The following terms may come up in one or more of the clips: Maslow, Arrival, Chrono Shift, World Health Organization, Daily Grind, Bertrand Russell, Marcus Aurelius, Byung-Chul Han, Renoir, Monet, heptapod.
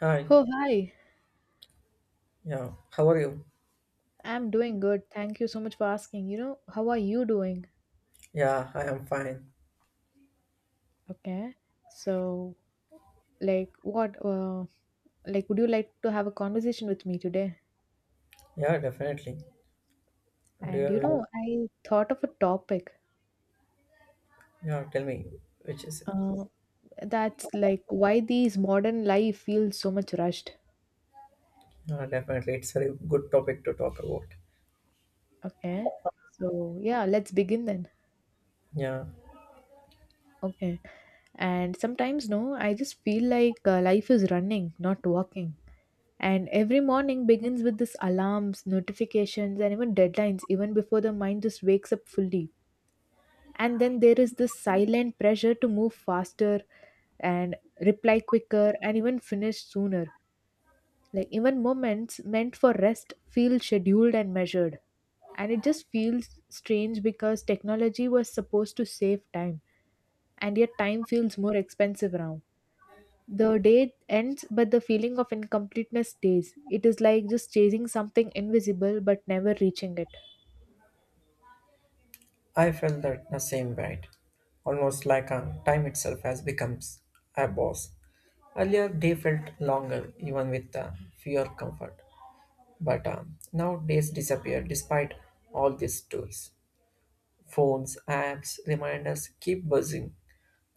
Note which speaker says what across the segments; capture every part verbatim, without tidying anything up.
Speaker 1: Hi,
Speaker 2: Oh, hi.
Speaker 1: yeah, how are you?
Speaker 2: I'm doing good. Thank you so much for asking. You know, how are you doing?
Speaker 1: Yeah, I am fine.
Speaker 2: Okay. So, like, what, uh, like, would you like to have a conversation with me today?
Speaker 1: Yeah, definitely. Do you
Speaker 2: And,
Speaker 1: have
Speaker 2: you
Speaker 1: any-
Speaker 2: know, I thought of a topic,
Speaker 1: Yeah, tell me, which is it?
Speaker 2: uh, that's like why these modern life feels so much rushed.
Speaker 1: Yeah, definitely it's a very good topic to talk about.
Speaker 2: Okay. So, yeah, let's begin then.
Speaker 1: Yeah,
Speaker 2: Okay. And sometimes, no, I just feel like uh, life is running, not walking. And every morning begins with this alarms, notifications, and even deadlines, even before the mind just wakes up fully. And then there is this silent pressure to move faster and reply quicker and even finish sooner. Like even moments meant for rest feel scheduled and measured. And it just feels strange because technology was supposed to save time, and yet time feels more expensive now. The day ends, but the feeling of incompleteness stays. It is like just chasing something invisible but never reaching it.
Speaker 1: I felt that the same, right. Almost like uh, time itself has becomes a boss. Earlier day felt longer, even with uh, fewer comfort. But um, now days disappear despite all these tools. Phones, apps, reminders keep buzzing,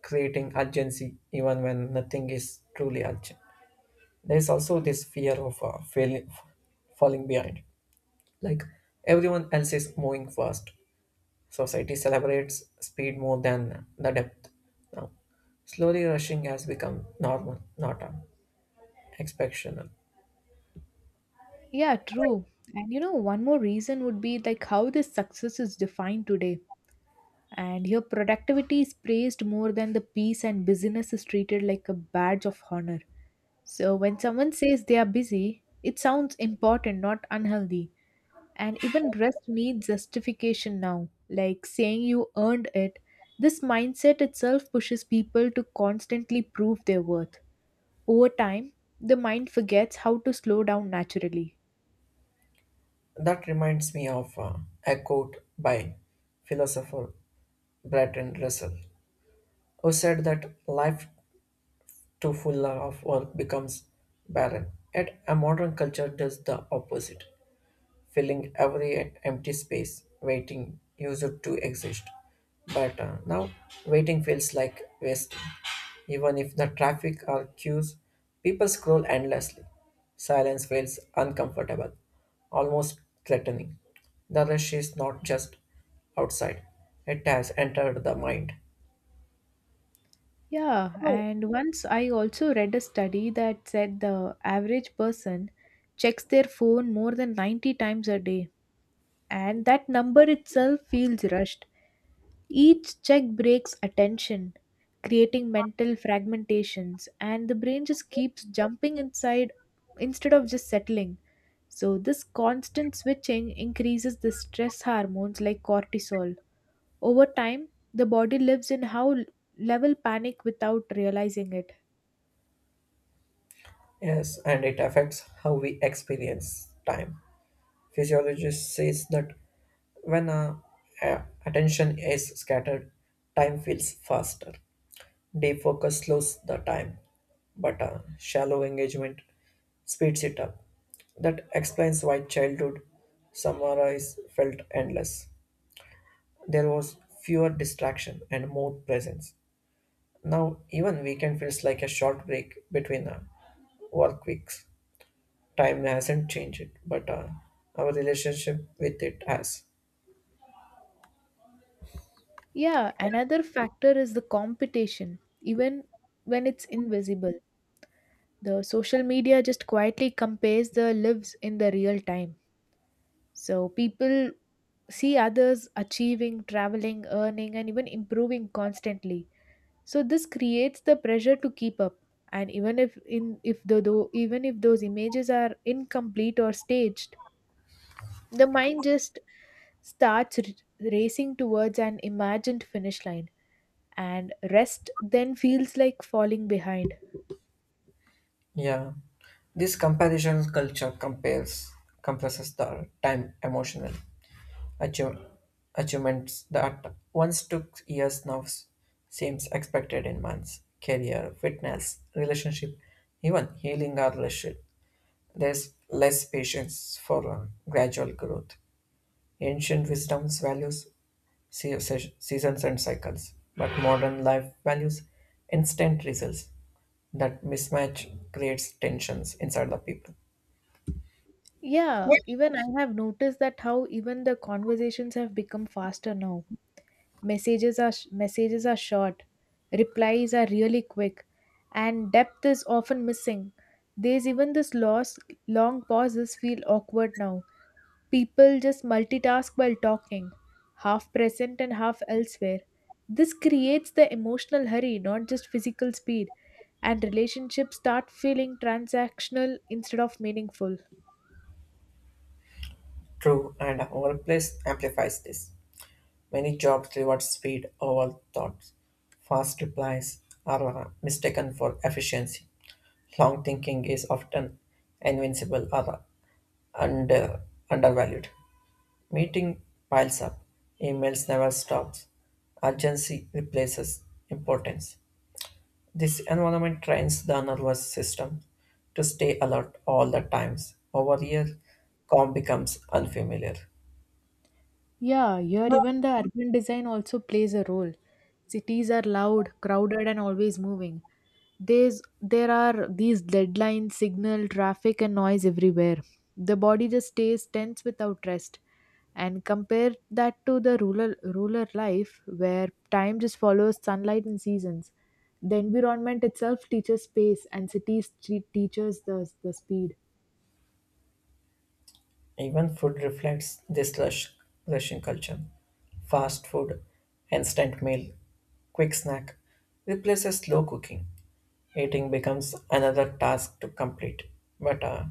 Speaker 1: creating urgency even when nothing is truly urgent. There is also this fear of uh, failing, falling behind. Like everyone else is moving fast, society celebrates speed more than the depth. Now, slowly rushing has become normal, not uh, exceptional.
Speaker 2: Yeah, true. And you know, one more reason would be like how this success is defined today. And your productivity is praised more than the peace, and busyness is treated like a badge of honor. So, when someone says they are busy, it sounds important, not unhealthy. And even rest needs justification now, like saying you earned it. This mindset itself pushes people to constantly prove their worth. Over time, the mind forgets how to slow down naturally.
Speaker 1: That reminds me of uh, a quote by philosopher Bertrand Russell, who said that life too full of work becomes barren. Yet a modern culture does the opposite, filling every empty space, waiting user to exist. But uh, now waiting feels like wasting. Even if the traffic or queues, people scroll endlessly. Silence feels uncomfortable, almost threatening. The rush is not just outside, it has entered the mind.
Speaker 2: Yeah, and once I also read a study that said the average person checks their phone more than ninety times a day, and that number itself feels rushed. Each check breaks attention, creating mental fragmentations, and the brain just keeps jumping inside instead of just settling. So, this constant switching increases the stress hormones like cortisol. Over time, the body lives in how level panic without realizing it.
Speaker 1: Yes, and it affects how we experience time. Physiologist says that when uh, a- attention is scattered, time feels faster. Deep focus slows the time, but uh, shallow engagement speeds it up. That explains why childhood summarize felt endless. There was fewer distraction and more presence. Now even weekend feels like a short break between uh, work weeks. Time hasn't changed, but uh, our relationship with it has.
Speaker 2: Yeah, another factor is the competition, even when it's invisible. The social media just quietly compares the lives in the real time. So people see others achieving, traveling, earning, and even improving constantly. So this creates the pressure to keep up. And even if in if the though even if those images are incomplete or staged, the mind just starts r- racing towards an imagined finish line, and rest then feels like falling behind.
Speaker 1: Yeah, this comparison culture compares compresses the time emotional achieve, achievements that once took years now s- seems expected in months. Career, fitness, relationship, even healing or relationship. There's less patience for uh, gradual growth. Ancient wisdom's values se- se- seasons and cycles, but modern life values instant results. That mismatch creates tensions inside the people.
Speaker 2: Yeah, even I have noticed that how even the conversations have become faster now. Messages are sh- messages are short, replies are really quick, and depth is often missing. There's even this loss. Long pauses feel awkward now. People just multitask while talking, half present and half elsewhere. This creates the emotional hurry, not just physical speed, and relationships start feeling transactional instead of meaningful.
Speaker 1: True, and our workplace amplifies this. Many jobs reward speed over thoughts. Fast replies are mistaken for efficiency. Long thinking is often invincible or under, undervalued. Meeting piles up. Emails never stops. Urgency replaces importance. This environment trains the nervous system to stay alert all the times. Over here, calm becomes unfamiliar.
Speaker 2: Yeah, here even the urban design also plays a role. Cities are loud, crowded, and always moving. There's there are these deadlines, signal, traffic, and noise everywhere. The body just stays tense without rest. And compare that to the rural rural life where time just follows sunlight and seasons. The environment itself teaches space, and cities te- teaches the the speed.
Speaker 1: Even food reflects this rush, rushing culture. Fast food, instant meal, quick snack replaces slow cooking. Eating becomes another task to complete. But uh,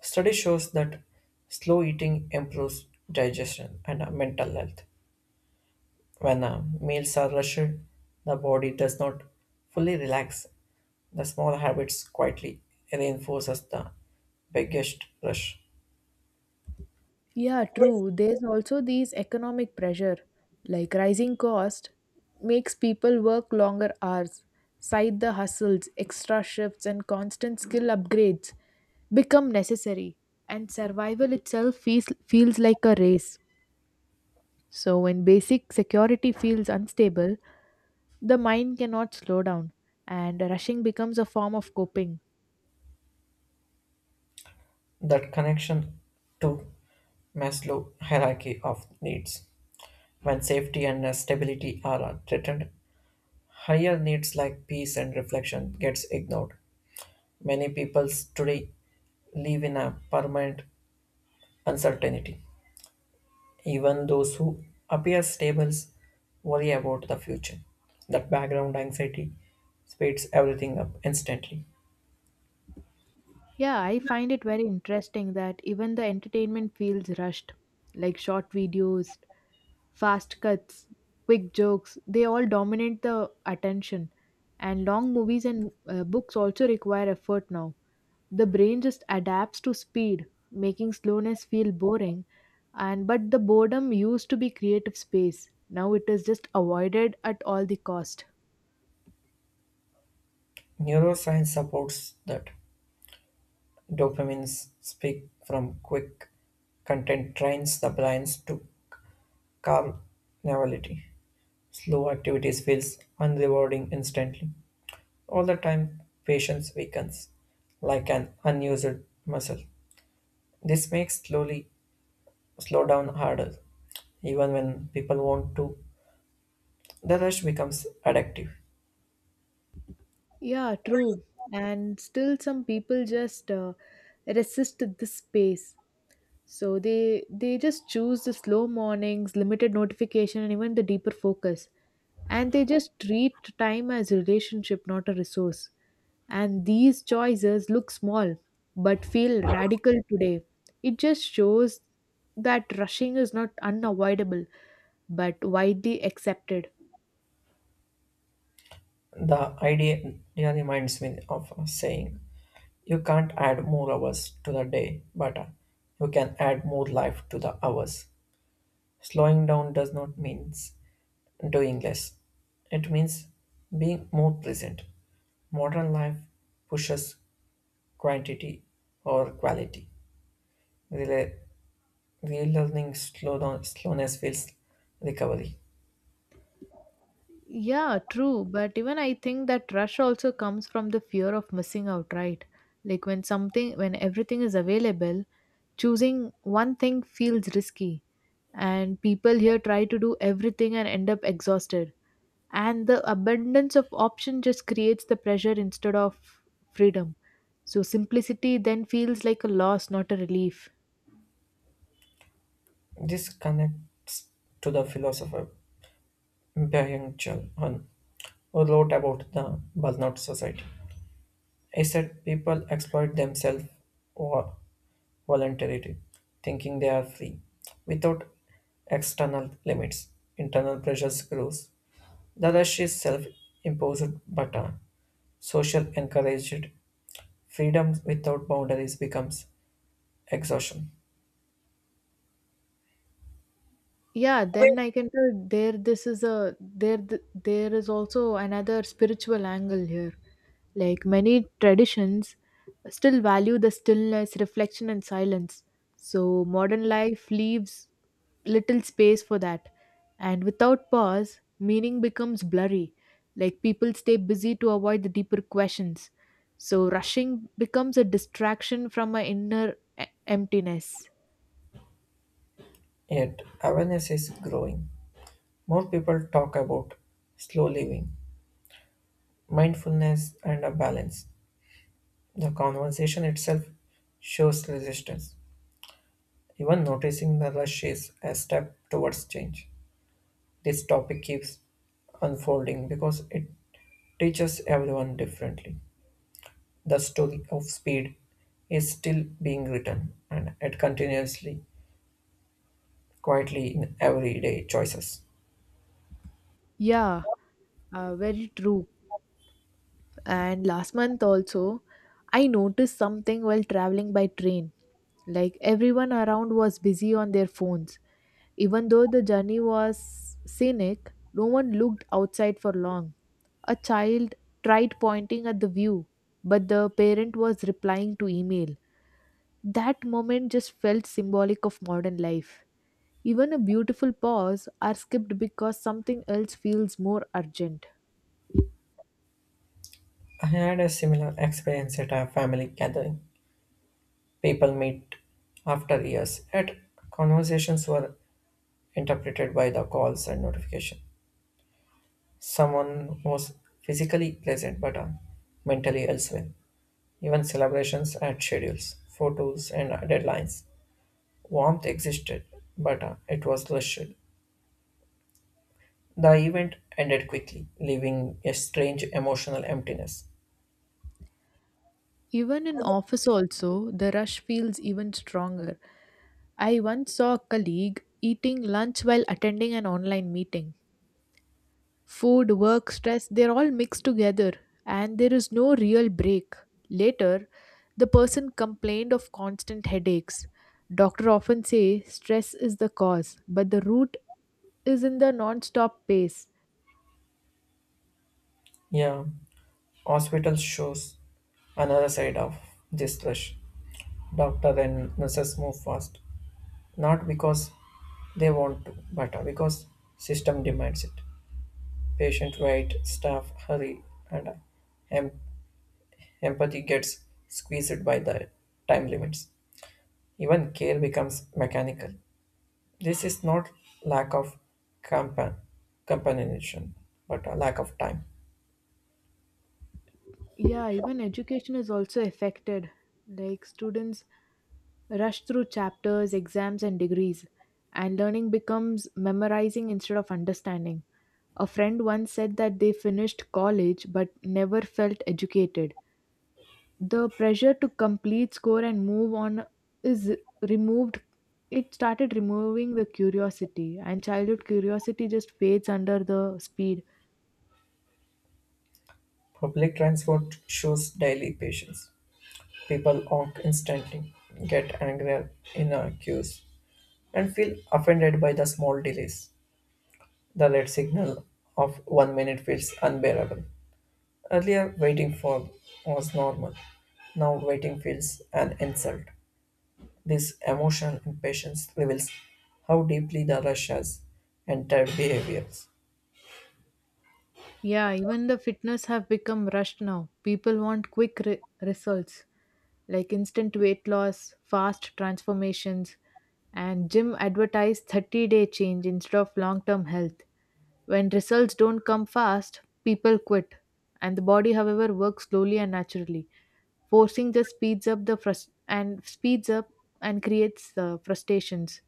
Speaker 1: study shows that slow eating improves digestion and uh, mental health. When uh, meals are rushed, the body does not fully relax. The small habits quietly reinforces the biggest rush.
Speaker 2: Yeah, true. There's also these economic pressure, like rising cost makes people work longer hours, side the hustles, extra shifts, and constant skill upgrades become necessary, and survival itself feels, feels like a race. So, when basic security feels unstable, the mind cannot slow down, and rushing becomes a form of coping.
Speaker 1: That connection to Maslow hierarchy of needs. When safety and uh, stability are uh, threatened, higher needs like peace and reflection gets ignored. Many people today live in a permanent uncertainty. Even those who appear stable worry about the future. That background anxiety speeds everything up instantly.
Speaker 2: Yeah, I find it very interesting that even the entertainment feels rushed, like short videos, fast cuts, quick jokes, they all dominate the attention. And long movies and uh, books also require effort now. The brain just adapts to speed, making slowness feel boring. And but the boredom used to be creative space. Now it is just avoided at all the cost.
Speaker 1: Neuroscience supports that dopamines speak from quick content trains the brains to calm novelty. Slow activities feels unrewarding instantly. All the time, patience weakens like an unused muscle. This makes slowly slow down harder. Even when people want to, the rush becomes addictive.
Speaker 2: Yeah, true. And still some people just uh, resist this space. So they they just choose the slow mornings, limited notification, and even the deeper focus. And they just treat time as a relationship, not a resource. And these choices look small but feel radical today. It just shows that rushing is not unavoidable but widely accepted.
Speaker 1: The idea idea reminds me of a saying: "You can't add more hours to the day, but uh, you can add more life to the hours." Slowing down does not mean doing less. It means being more present. Modern life pushes quantity or quality. Rela- Relearning slow down, slowness feels recovery.
Speaker 2: Yeah, true. But even I think that rush also comes from the fear of missing out, right? Like when something, when everything is available, choosing one thing feels risky. And people here try to do everything and end up exhausted. And the abundance of option just creates the pressure instead of freedom. So simplicity then feels like a loss, not a relief.
Speaker 1: This connects to the philosopher Byung-Chul Han, who wrote about the burnout society. I said people exploit themselves or voluntarily, thinking they are free. Without external limits, internal pressures grows. The rush is self-imposed, but uh, social encouraged freedom without boundaries becomes exhaustion.
Speaker 2: Yeah, then I can tell there this is a there th- there is also another spiritual angle here. Like many traditions still value the stillness, reflection, and silence. So modern life leaves little space for that. And without pause, meaning becomes blurry. Like people stay busy to avoid the deeper questions. So rushing becomes a distraction from my inner e- emptiness.
Speaker 1: Yet awareness is growing. More people talk about slow living, mindfulness, and a balance. The conversation itself shows resistance. Even noticing the rush is a step towards change. This topic keeps unfolding because it teaches everyone differently. The story of speed is still being written, and it continuously, quietly in everyday choices.
Speaker 2: Yeah, uh, very true. And last month also, I noticed something while traveling by train. Like everyone around was busy on their phones. Even though the journey was scenic, no one looked outside for long. A child tried pointing at the view, but the parent was replying to email. That moment just felt symbolic of modern life. Even a beautiful pause are skipped because something else feels more urgent.
Speaker 1: I had a similar experience at a family gathering. People meet after years, yet conversations were interpreted by the calls and notification. Someone was physically present but uh, mentally elsewhere. Even celebrations had schedules, photos, and deadlines. Warmth existed, but uh, it was listed. The event ended quickly, leaving a strange emotional emptiness.
Speaker 2: Even in office also, the rush feels even stronger. I once saw a colleague eating lunch while attending an online meeting. Food, work, stress, they're all mixed together, and there is no real break. Later, the person complained of constant headaches. Doctor often say stress is the cause, but the root is in the non-stop pace.
Speaker 1: Yeah, hospital shows another side of this rush. Doctor and nurses move fast, not because they want to, but uh, because system demands it. Patient wait, staff hurry, and uh, em- empathy gets squeezed by the time limits. Even care becomes mechanical. This is not lack of compan- companionship, but a lack of time.
Speaker 2: Yeah, even education is also affected. Like students rush through chapters, exams, and degrees, and learning becomes memorizing instead of understanding. A friend once said that they finished college but never felt educated. The pressure to complete, score, and move on is removed. It started removing the curiosity, and childhood curiosity just fades under the speed.
Speaker 1: Public transport shows daily patience. People honk instantly, get angrier in uh, queues, and feel offended by the small delays. The red signal of one minute feels unbearable. Earlier, waiting for was normal. Now, waiting feels an insult. This emotional impatience reveals how deeply the Russia's entered behaviors.
Speaker 2: Yeah, even the fitness have become rushed now. People want quick re- results like instant weight loss, fast transformations, and gym advertise thirty-day change instead of long-term health. When results don't come fast, people quit. And the body, however, works slowly and naturally. Forcing just speeds up the frust- and speeds up and creates uh, frustrations.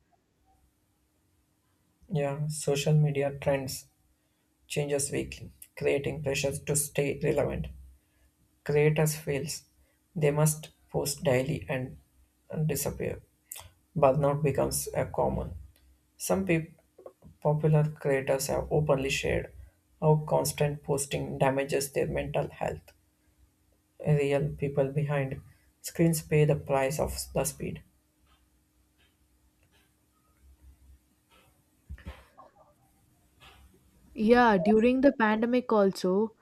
Speaker 1: Yeah, social media trends changes weekly, creating pressures to stay relevant. Creators feels they must post daily and, and disappear. Burnout becomes a common. Some peop popular creators have openly shared how constant posting damages their mental health. Real people behind screens pay the price of the speed.
Speaker 2: Yeah, during the pandemic also,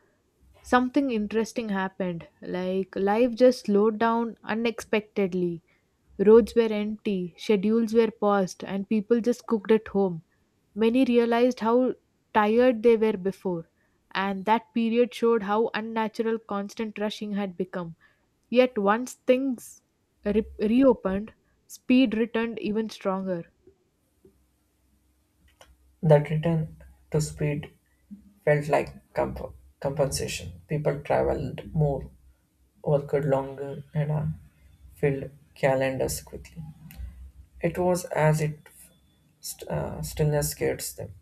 Speaker 2: something interesting happened. Like, life just slowed down unexpectedly. Roads were empty, schedules were paused, and people just cooked at home. Many realized how tired they were before, and that period showed how unnatural constant rushing had become. Yet, once things re- reopened, speed returned even stronger.
Speaker 1: That return to speed felt like comp- compensation. People traveled more, worked longer, and uh, filled calendars quickly. It was as if st- uh, stillness scares them.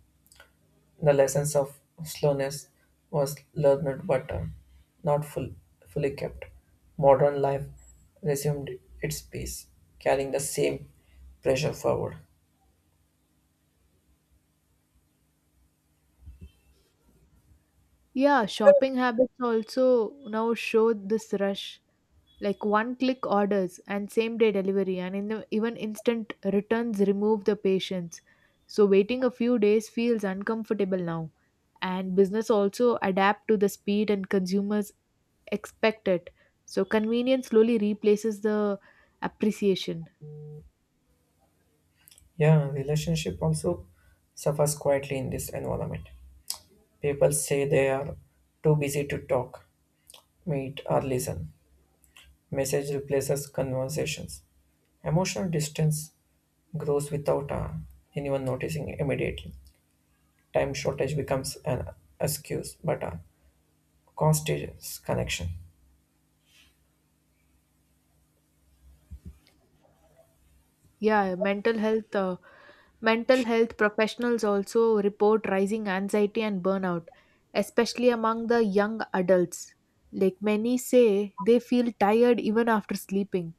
Speaker 1: The lessons of slowness was learned but uh, not full- fully kept. Modern life resumed its pace, carrying the same pressure forward.
Speaker 2: Yeah, shopping habits also now show this rush. Like one click orders and same day delivery, and in the, even instant returns remove the patience. So waiting a few days feels uncomfortable now, and business also adapt to the speed, and consumers expect it. So convenience slowly replaces the appreciation.
Speaker 1: Yeah, relationship also suffers quietly in this environment. People say they are too busy to talk, meet, or listen. Message replaces conversations. Emotional distance grows without uh, anyone noticing immediately. Time shortage becomes an excuse, but a cost is connection.
Speaker 2: Yeah, mental health uh, mental health professionals also report rising anxiety and burnout, especially among the young adults. Like many say, they feel tired even after sleeping,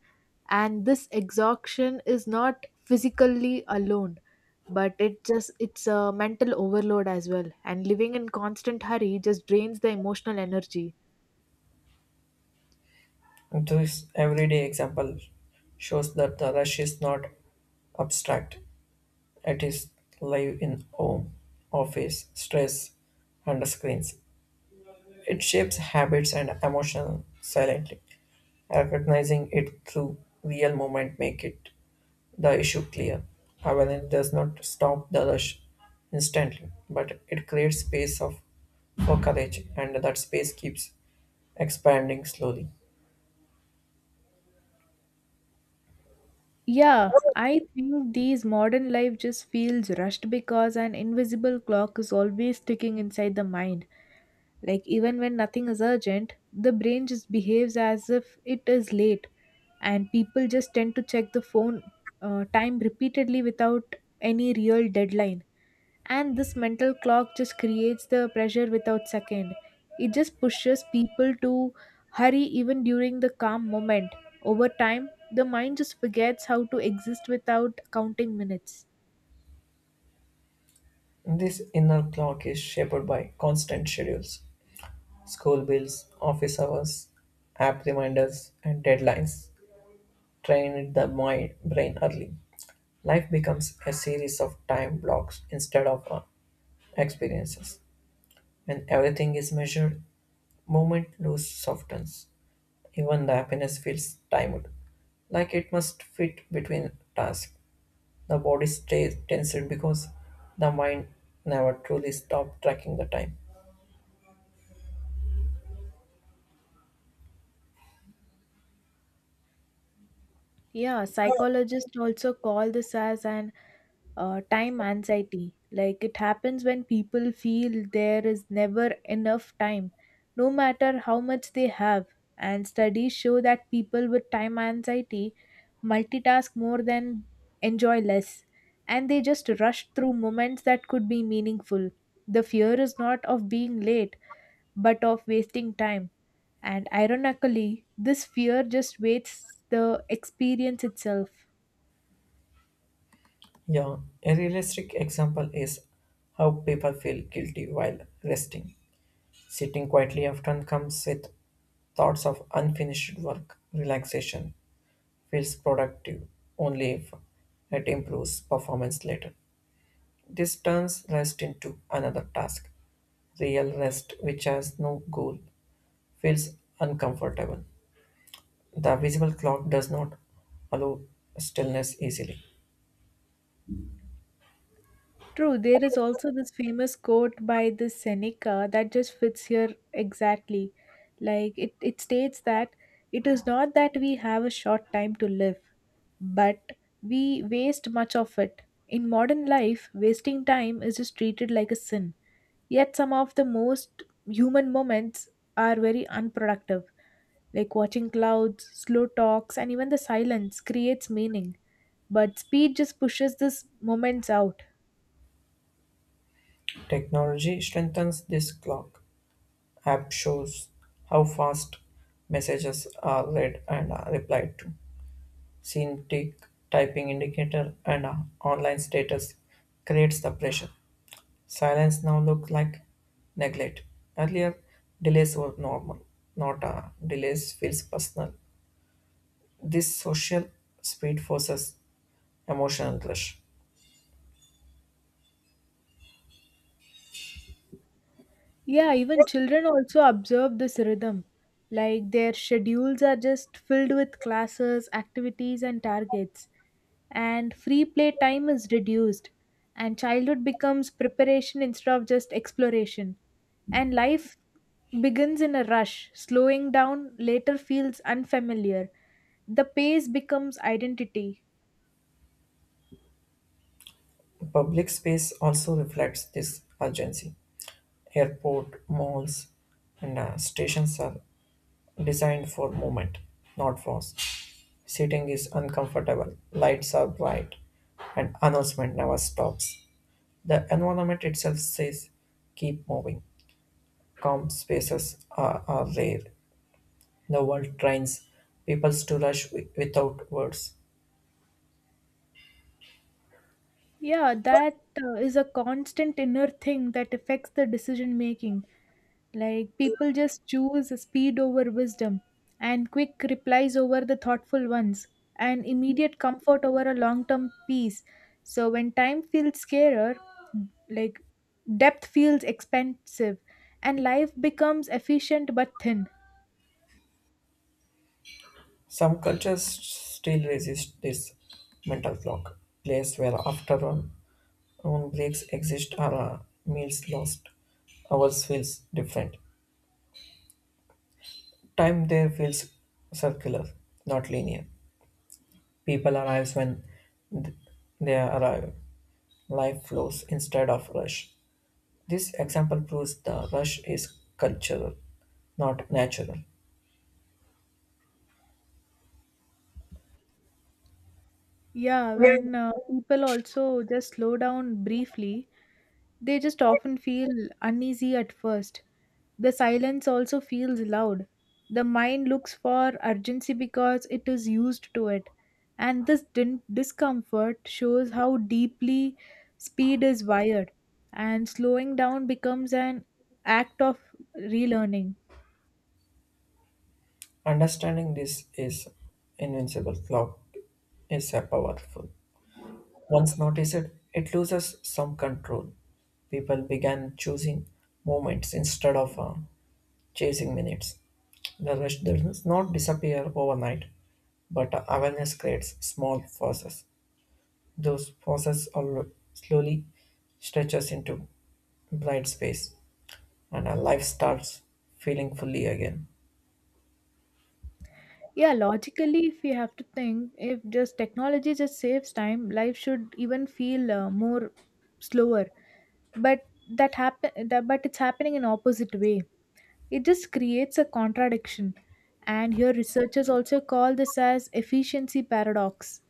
Speaker 2: and this exhaustion is not physically alone, but it just it's a mental overload as well. And living in constant hurry just drains the emotional energy.
Speaker 1: And this everyday example shows that the rush is not abstract. It is live in home, office, stress, and screens. It shapes habits and emotions silently. Recognizing it through real moment make it the issue clear. Avalanche does not stop the rush instantly, but it creates space of for courage, and that space keeps expanding slowly.
Speaker 2: Yeah, I think these modern life just feels rushed because an invisible clock is always ticking inside the mind. Like, even when nothing is urgent, the brain just behaves as if it is late, and people just tend to check the phone uh, time repeatedly without any real deadline. And this mental clock just creates the pressure without second. It just pushes people to hurry even during the calm moment. Over time, the mind just forgets how to exist without counting minutes.
Speaker 1: This inner clock is shaped by constant schedules, school bills, office hours, app reminders, and deadlines. Train the mind brain early. Life becomes a series of time blocks instead of uh, experiences. When everything is measured, movement loses softness. Even the happiness feels timed, like it must fit between tasks. The body stays tensed because the mind never truly stops tracking the time.
Speaker 2: Yeah, psychologists also call this as an uh, time anxiety. Like it happens when people feel there is never enough time, no matter how much they have. And studies show that people with time anxiety multitask more than enjoy less, and they just rush through moments that could be meaningful. The fear is not of being late, but of wasting time. And ironically, this fear just wastes the experience itself.
Speaker 1: Yeah, a realistic example is how people feel guilty while resting. Sitting quietly often comes with thoughts of unfinished work. Relaxation feels productive only if it improves performance later. This turns rest into another task. Real rest, which has no goal, feels uncomfortable. The visible clock does not allow stillness easily.
Speaker 2: True, there is also this famous quote by this Seneca that just fits here exactly. Like it, it states that it is not that we have a short time to live, but we waste much of it. In modern life, wasting time is just treated like a sin. Yet some of the most human moments are very unproductive. Like watching clouds, slow talks, and even the silence creates meaning. But speed just pushes these moments out.
Speaker 1: Technology strengthens this clock. App shows how fast messages are read and are replied to. Syntax, typing indicator, and uh, online status creates the pressure. Silence now looks like neglect. Earlier, delays were normal, not uh, delays feels personal. This social speed forces emotional rush.
Speaker 2: Yeah, even children also observe this rhythm. Like their schedules are just filled with classes, activities, and targets. And free play time is reduced. And childhood becomes preparation instead of just exploration. And life begins in a rush. Slowing down later feels unfamiliar. The pace becomes identity.
Speaker 1: Public space also reflects this urgency. Airport, malls, and uh, stations are designed for movement, not force. Sitting is uncomfortable, lights are bright, and announcement never stops. The environment itself says, keep moving. Calm spaces are, are rare. The world trains people to rush wi- without words.
Speaker 2: Yeah, that uh, is a constant inner thing that affects the decision making. Like people just choose speed over wisdom and quick replies over the thoughtful ones and immediate comfort over a long-term peace. So when time feels scarer, like depth feels expensive and life becomes efficient but thin.
Speaker 1: Some cultures still resist this mental clock, place where afternoon noon breaks exist or uh, meals lost. Ours feels different. Time there feels circular, not linear. People arrive when they arrive. Life flows instead of rush. This example proves the rush is cultural, not natural.
Speaker 2: Yeah, when uh, people also just slow down briefly. They just often feel uneasy at first. The silence also feels loud. The mind looks for urgency because it is used to it. And this din- discomfort shows how deeply speed is wired. And slowing down becomes an act of relearning.
Speaker 1: Understanding this is invincible clock is a powerful. Once noticed, it loses some control. People began choosing moments instead of uh, chasing minutes. The rush does not disappear overnight, but awareness creates small forces. Those forces all slowly stretches into blind space, and our life starts feeling fully again.
Speaker 2: Yeah, logically, if we have to think, if just technology just saves time, life should even feel uh, more slower. But that happen that but it's happening in opposite way. It just creates a contradiction. And here, researchers also call this as efficiency paradox,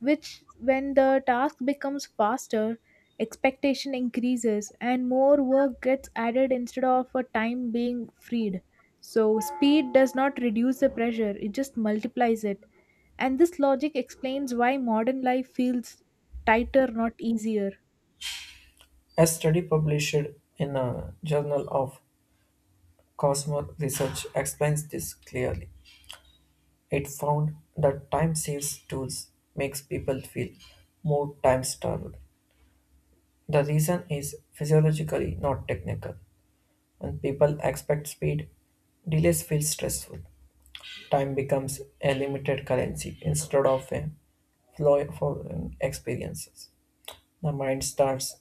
Speaker 2: which, when the task becomes faster, expectation increases and more work gets added instead of a time being freed. So, speed does not reduce the pressure, it just multiplies it. And this logic explains why modern life feels tighter, not easier.
Speaker 1: A study published in a journal of Cosmo Research explains this clearly. It found that time saves tools makes people feel more time starved. The reason is physiologically, not technical. When people expect speed, delays feel stressful. Time becomes a limited currency instead of a flow for um, experiences. The mind starts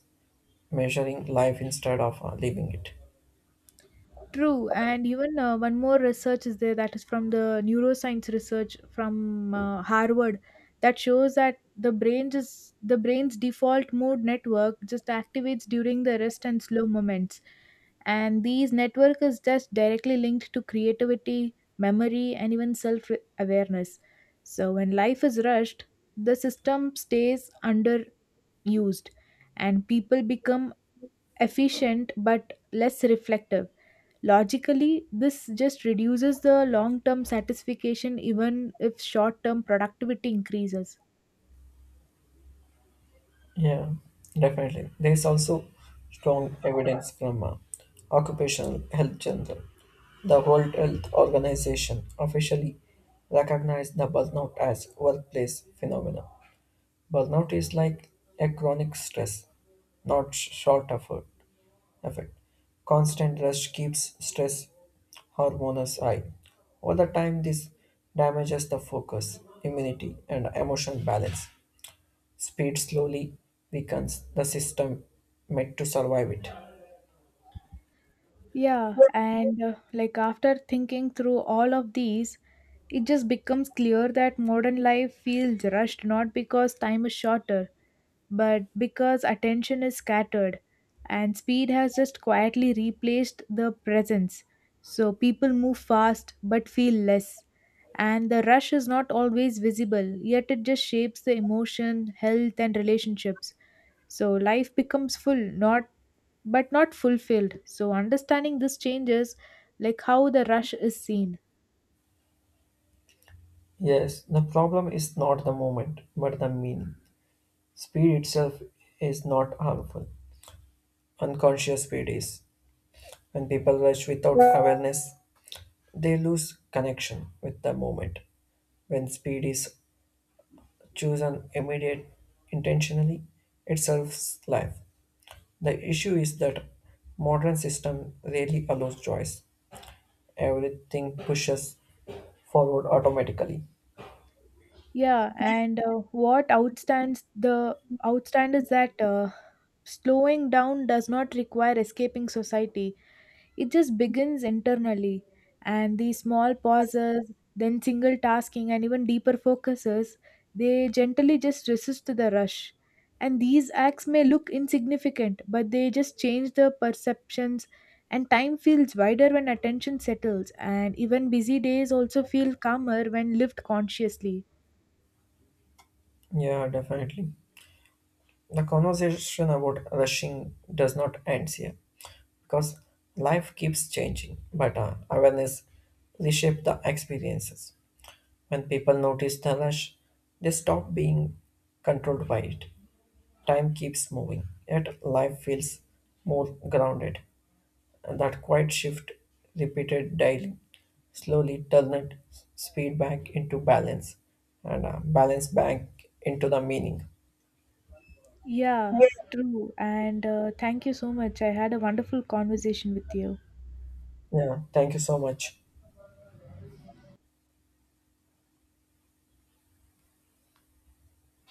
Speaker 1: measuring life instead of uh, living it.
Speaker 2: True, and even uh, one more research is there that is from the neuroscience research from uh, Harvard that shows that the brain just the brain's default mode network just activates during the rest and slow moments, and these network is just directly linked to creativity, memory, and even self awareness. So when life is rushed, the system stays underused, and people become efficient but less reflective. Logically, this just reduces the long term satisfaction even if short term productivity increases.
Speaker 1: Yeah, definitely. There is also strong evidence from uh, Occupational Health Journal. The World Health Organization officially recognized the burnout as workplace phenomenon. Burnout is like a chronic stress, not sh- short effort. Effect. Constant rush keeps stress hormones high. Over the time, this damages the focus, immunity, and emotional balance. Speed slowly weakens the system made to survive it.
Speaker 2: Yeah, and uh, like after thinking through all of these, it just becomes clear that modern life feels rushed not because time is shorter but because attention is scattered and speed has just quietly replaced the presence. So people move fast but feel less. And the rush is not always visible, yet it just shapes the emotion, health, and relationships. So life becomes full, not but not fulfilled. So understanding this changes like how the rush is seen.
Speaker 1: Yes, the problem is not the moment, but the meaning. Speed itself is not harmful. Unconscious speed is. When people rush without awareness, they lose connection with the moment. When speed is chosen immediate intentionally, it serves life. The issue is that modern system rarely allows choice. Everything pushes forward automatically.
Speaker 2: Yeah, and uh, what outstands the outstand is that uh, slowing down does not require escaping society. It just begins internally, and these small pauses, then single tasking, and even deeper focuses, they gently just resist to the rush. And these acts may look insignificant, but they just change the perceptions. And time feels wider when attention settles, and even busy days also feel calmer when lived consciously.
Speaker 1: Yeah, definitely. The conversation about rushing does not end here because life keeps changing, but uh, awareness reshape the experiences. When people notice the rush, they stop being controlled by it. Time keeps moving, yet life feels more grounded. And that quiet shift, repeated daily, slowly turned speed back into balance and uh, balance back into the meaning.
Speaker 2: Yeah, true. And uh, thank you so much. I had a wonderful conversation with you.
Speaker 1: Yeah, thank you so much.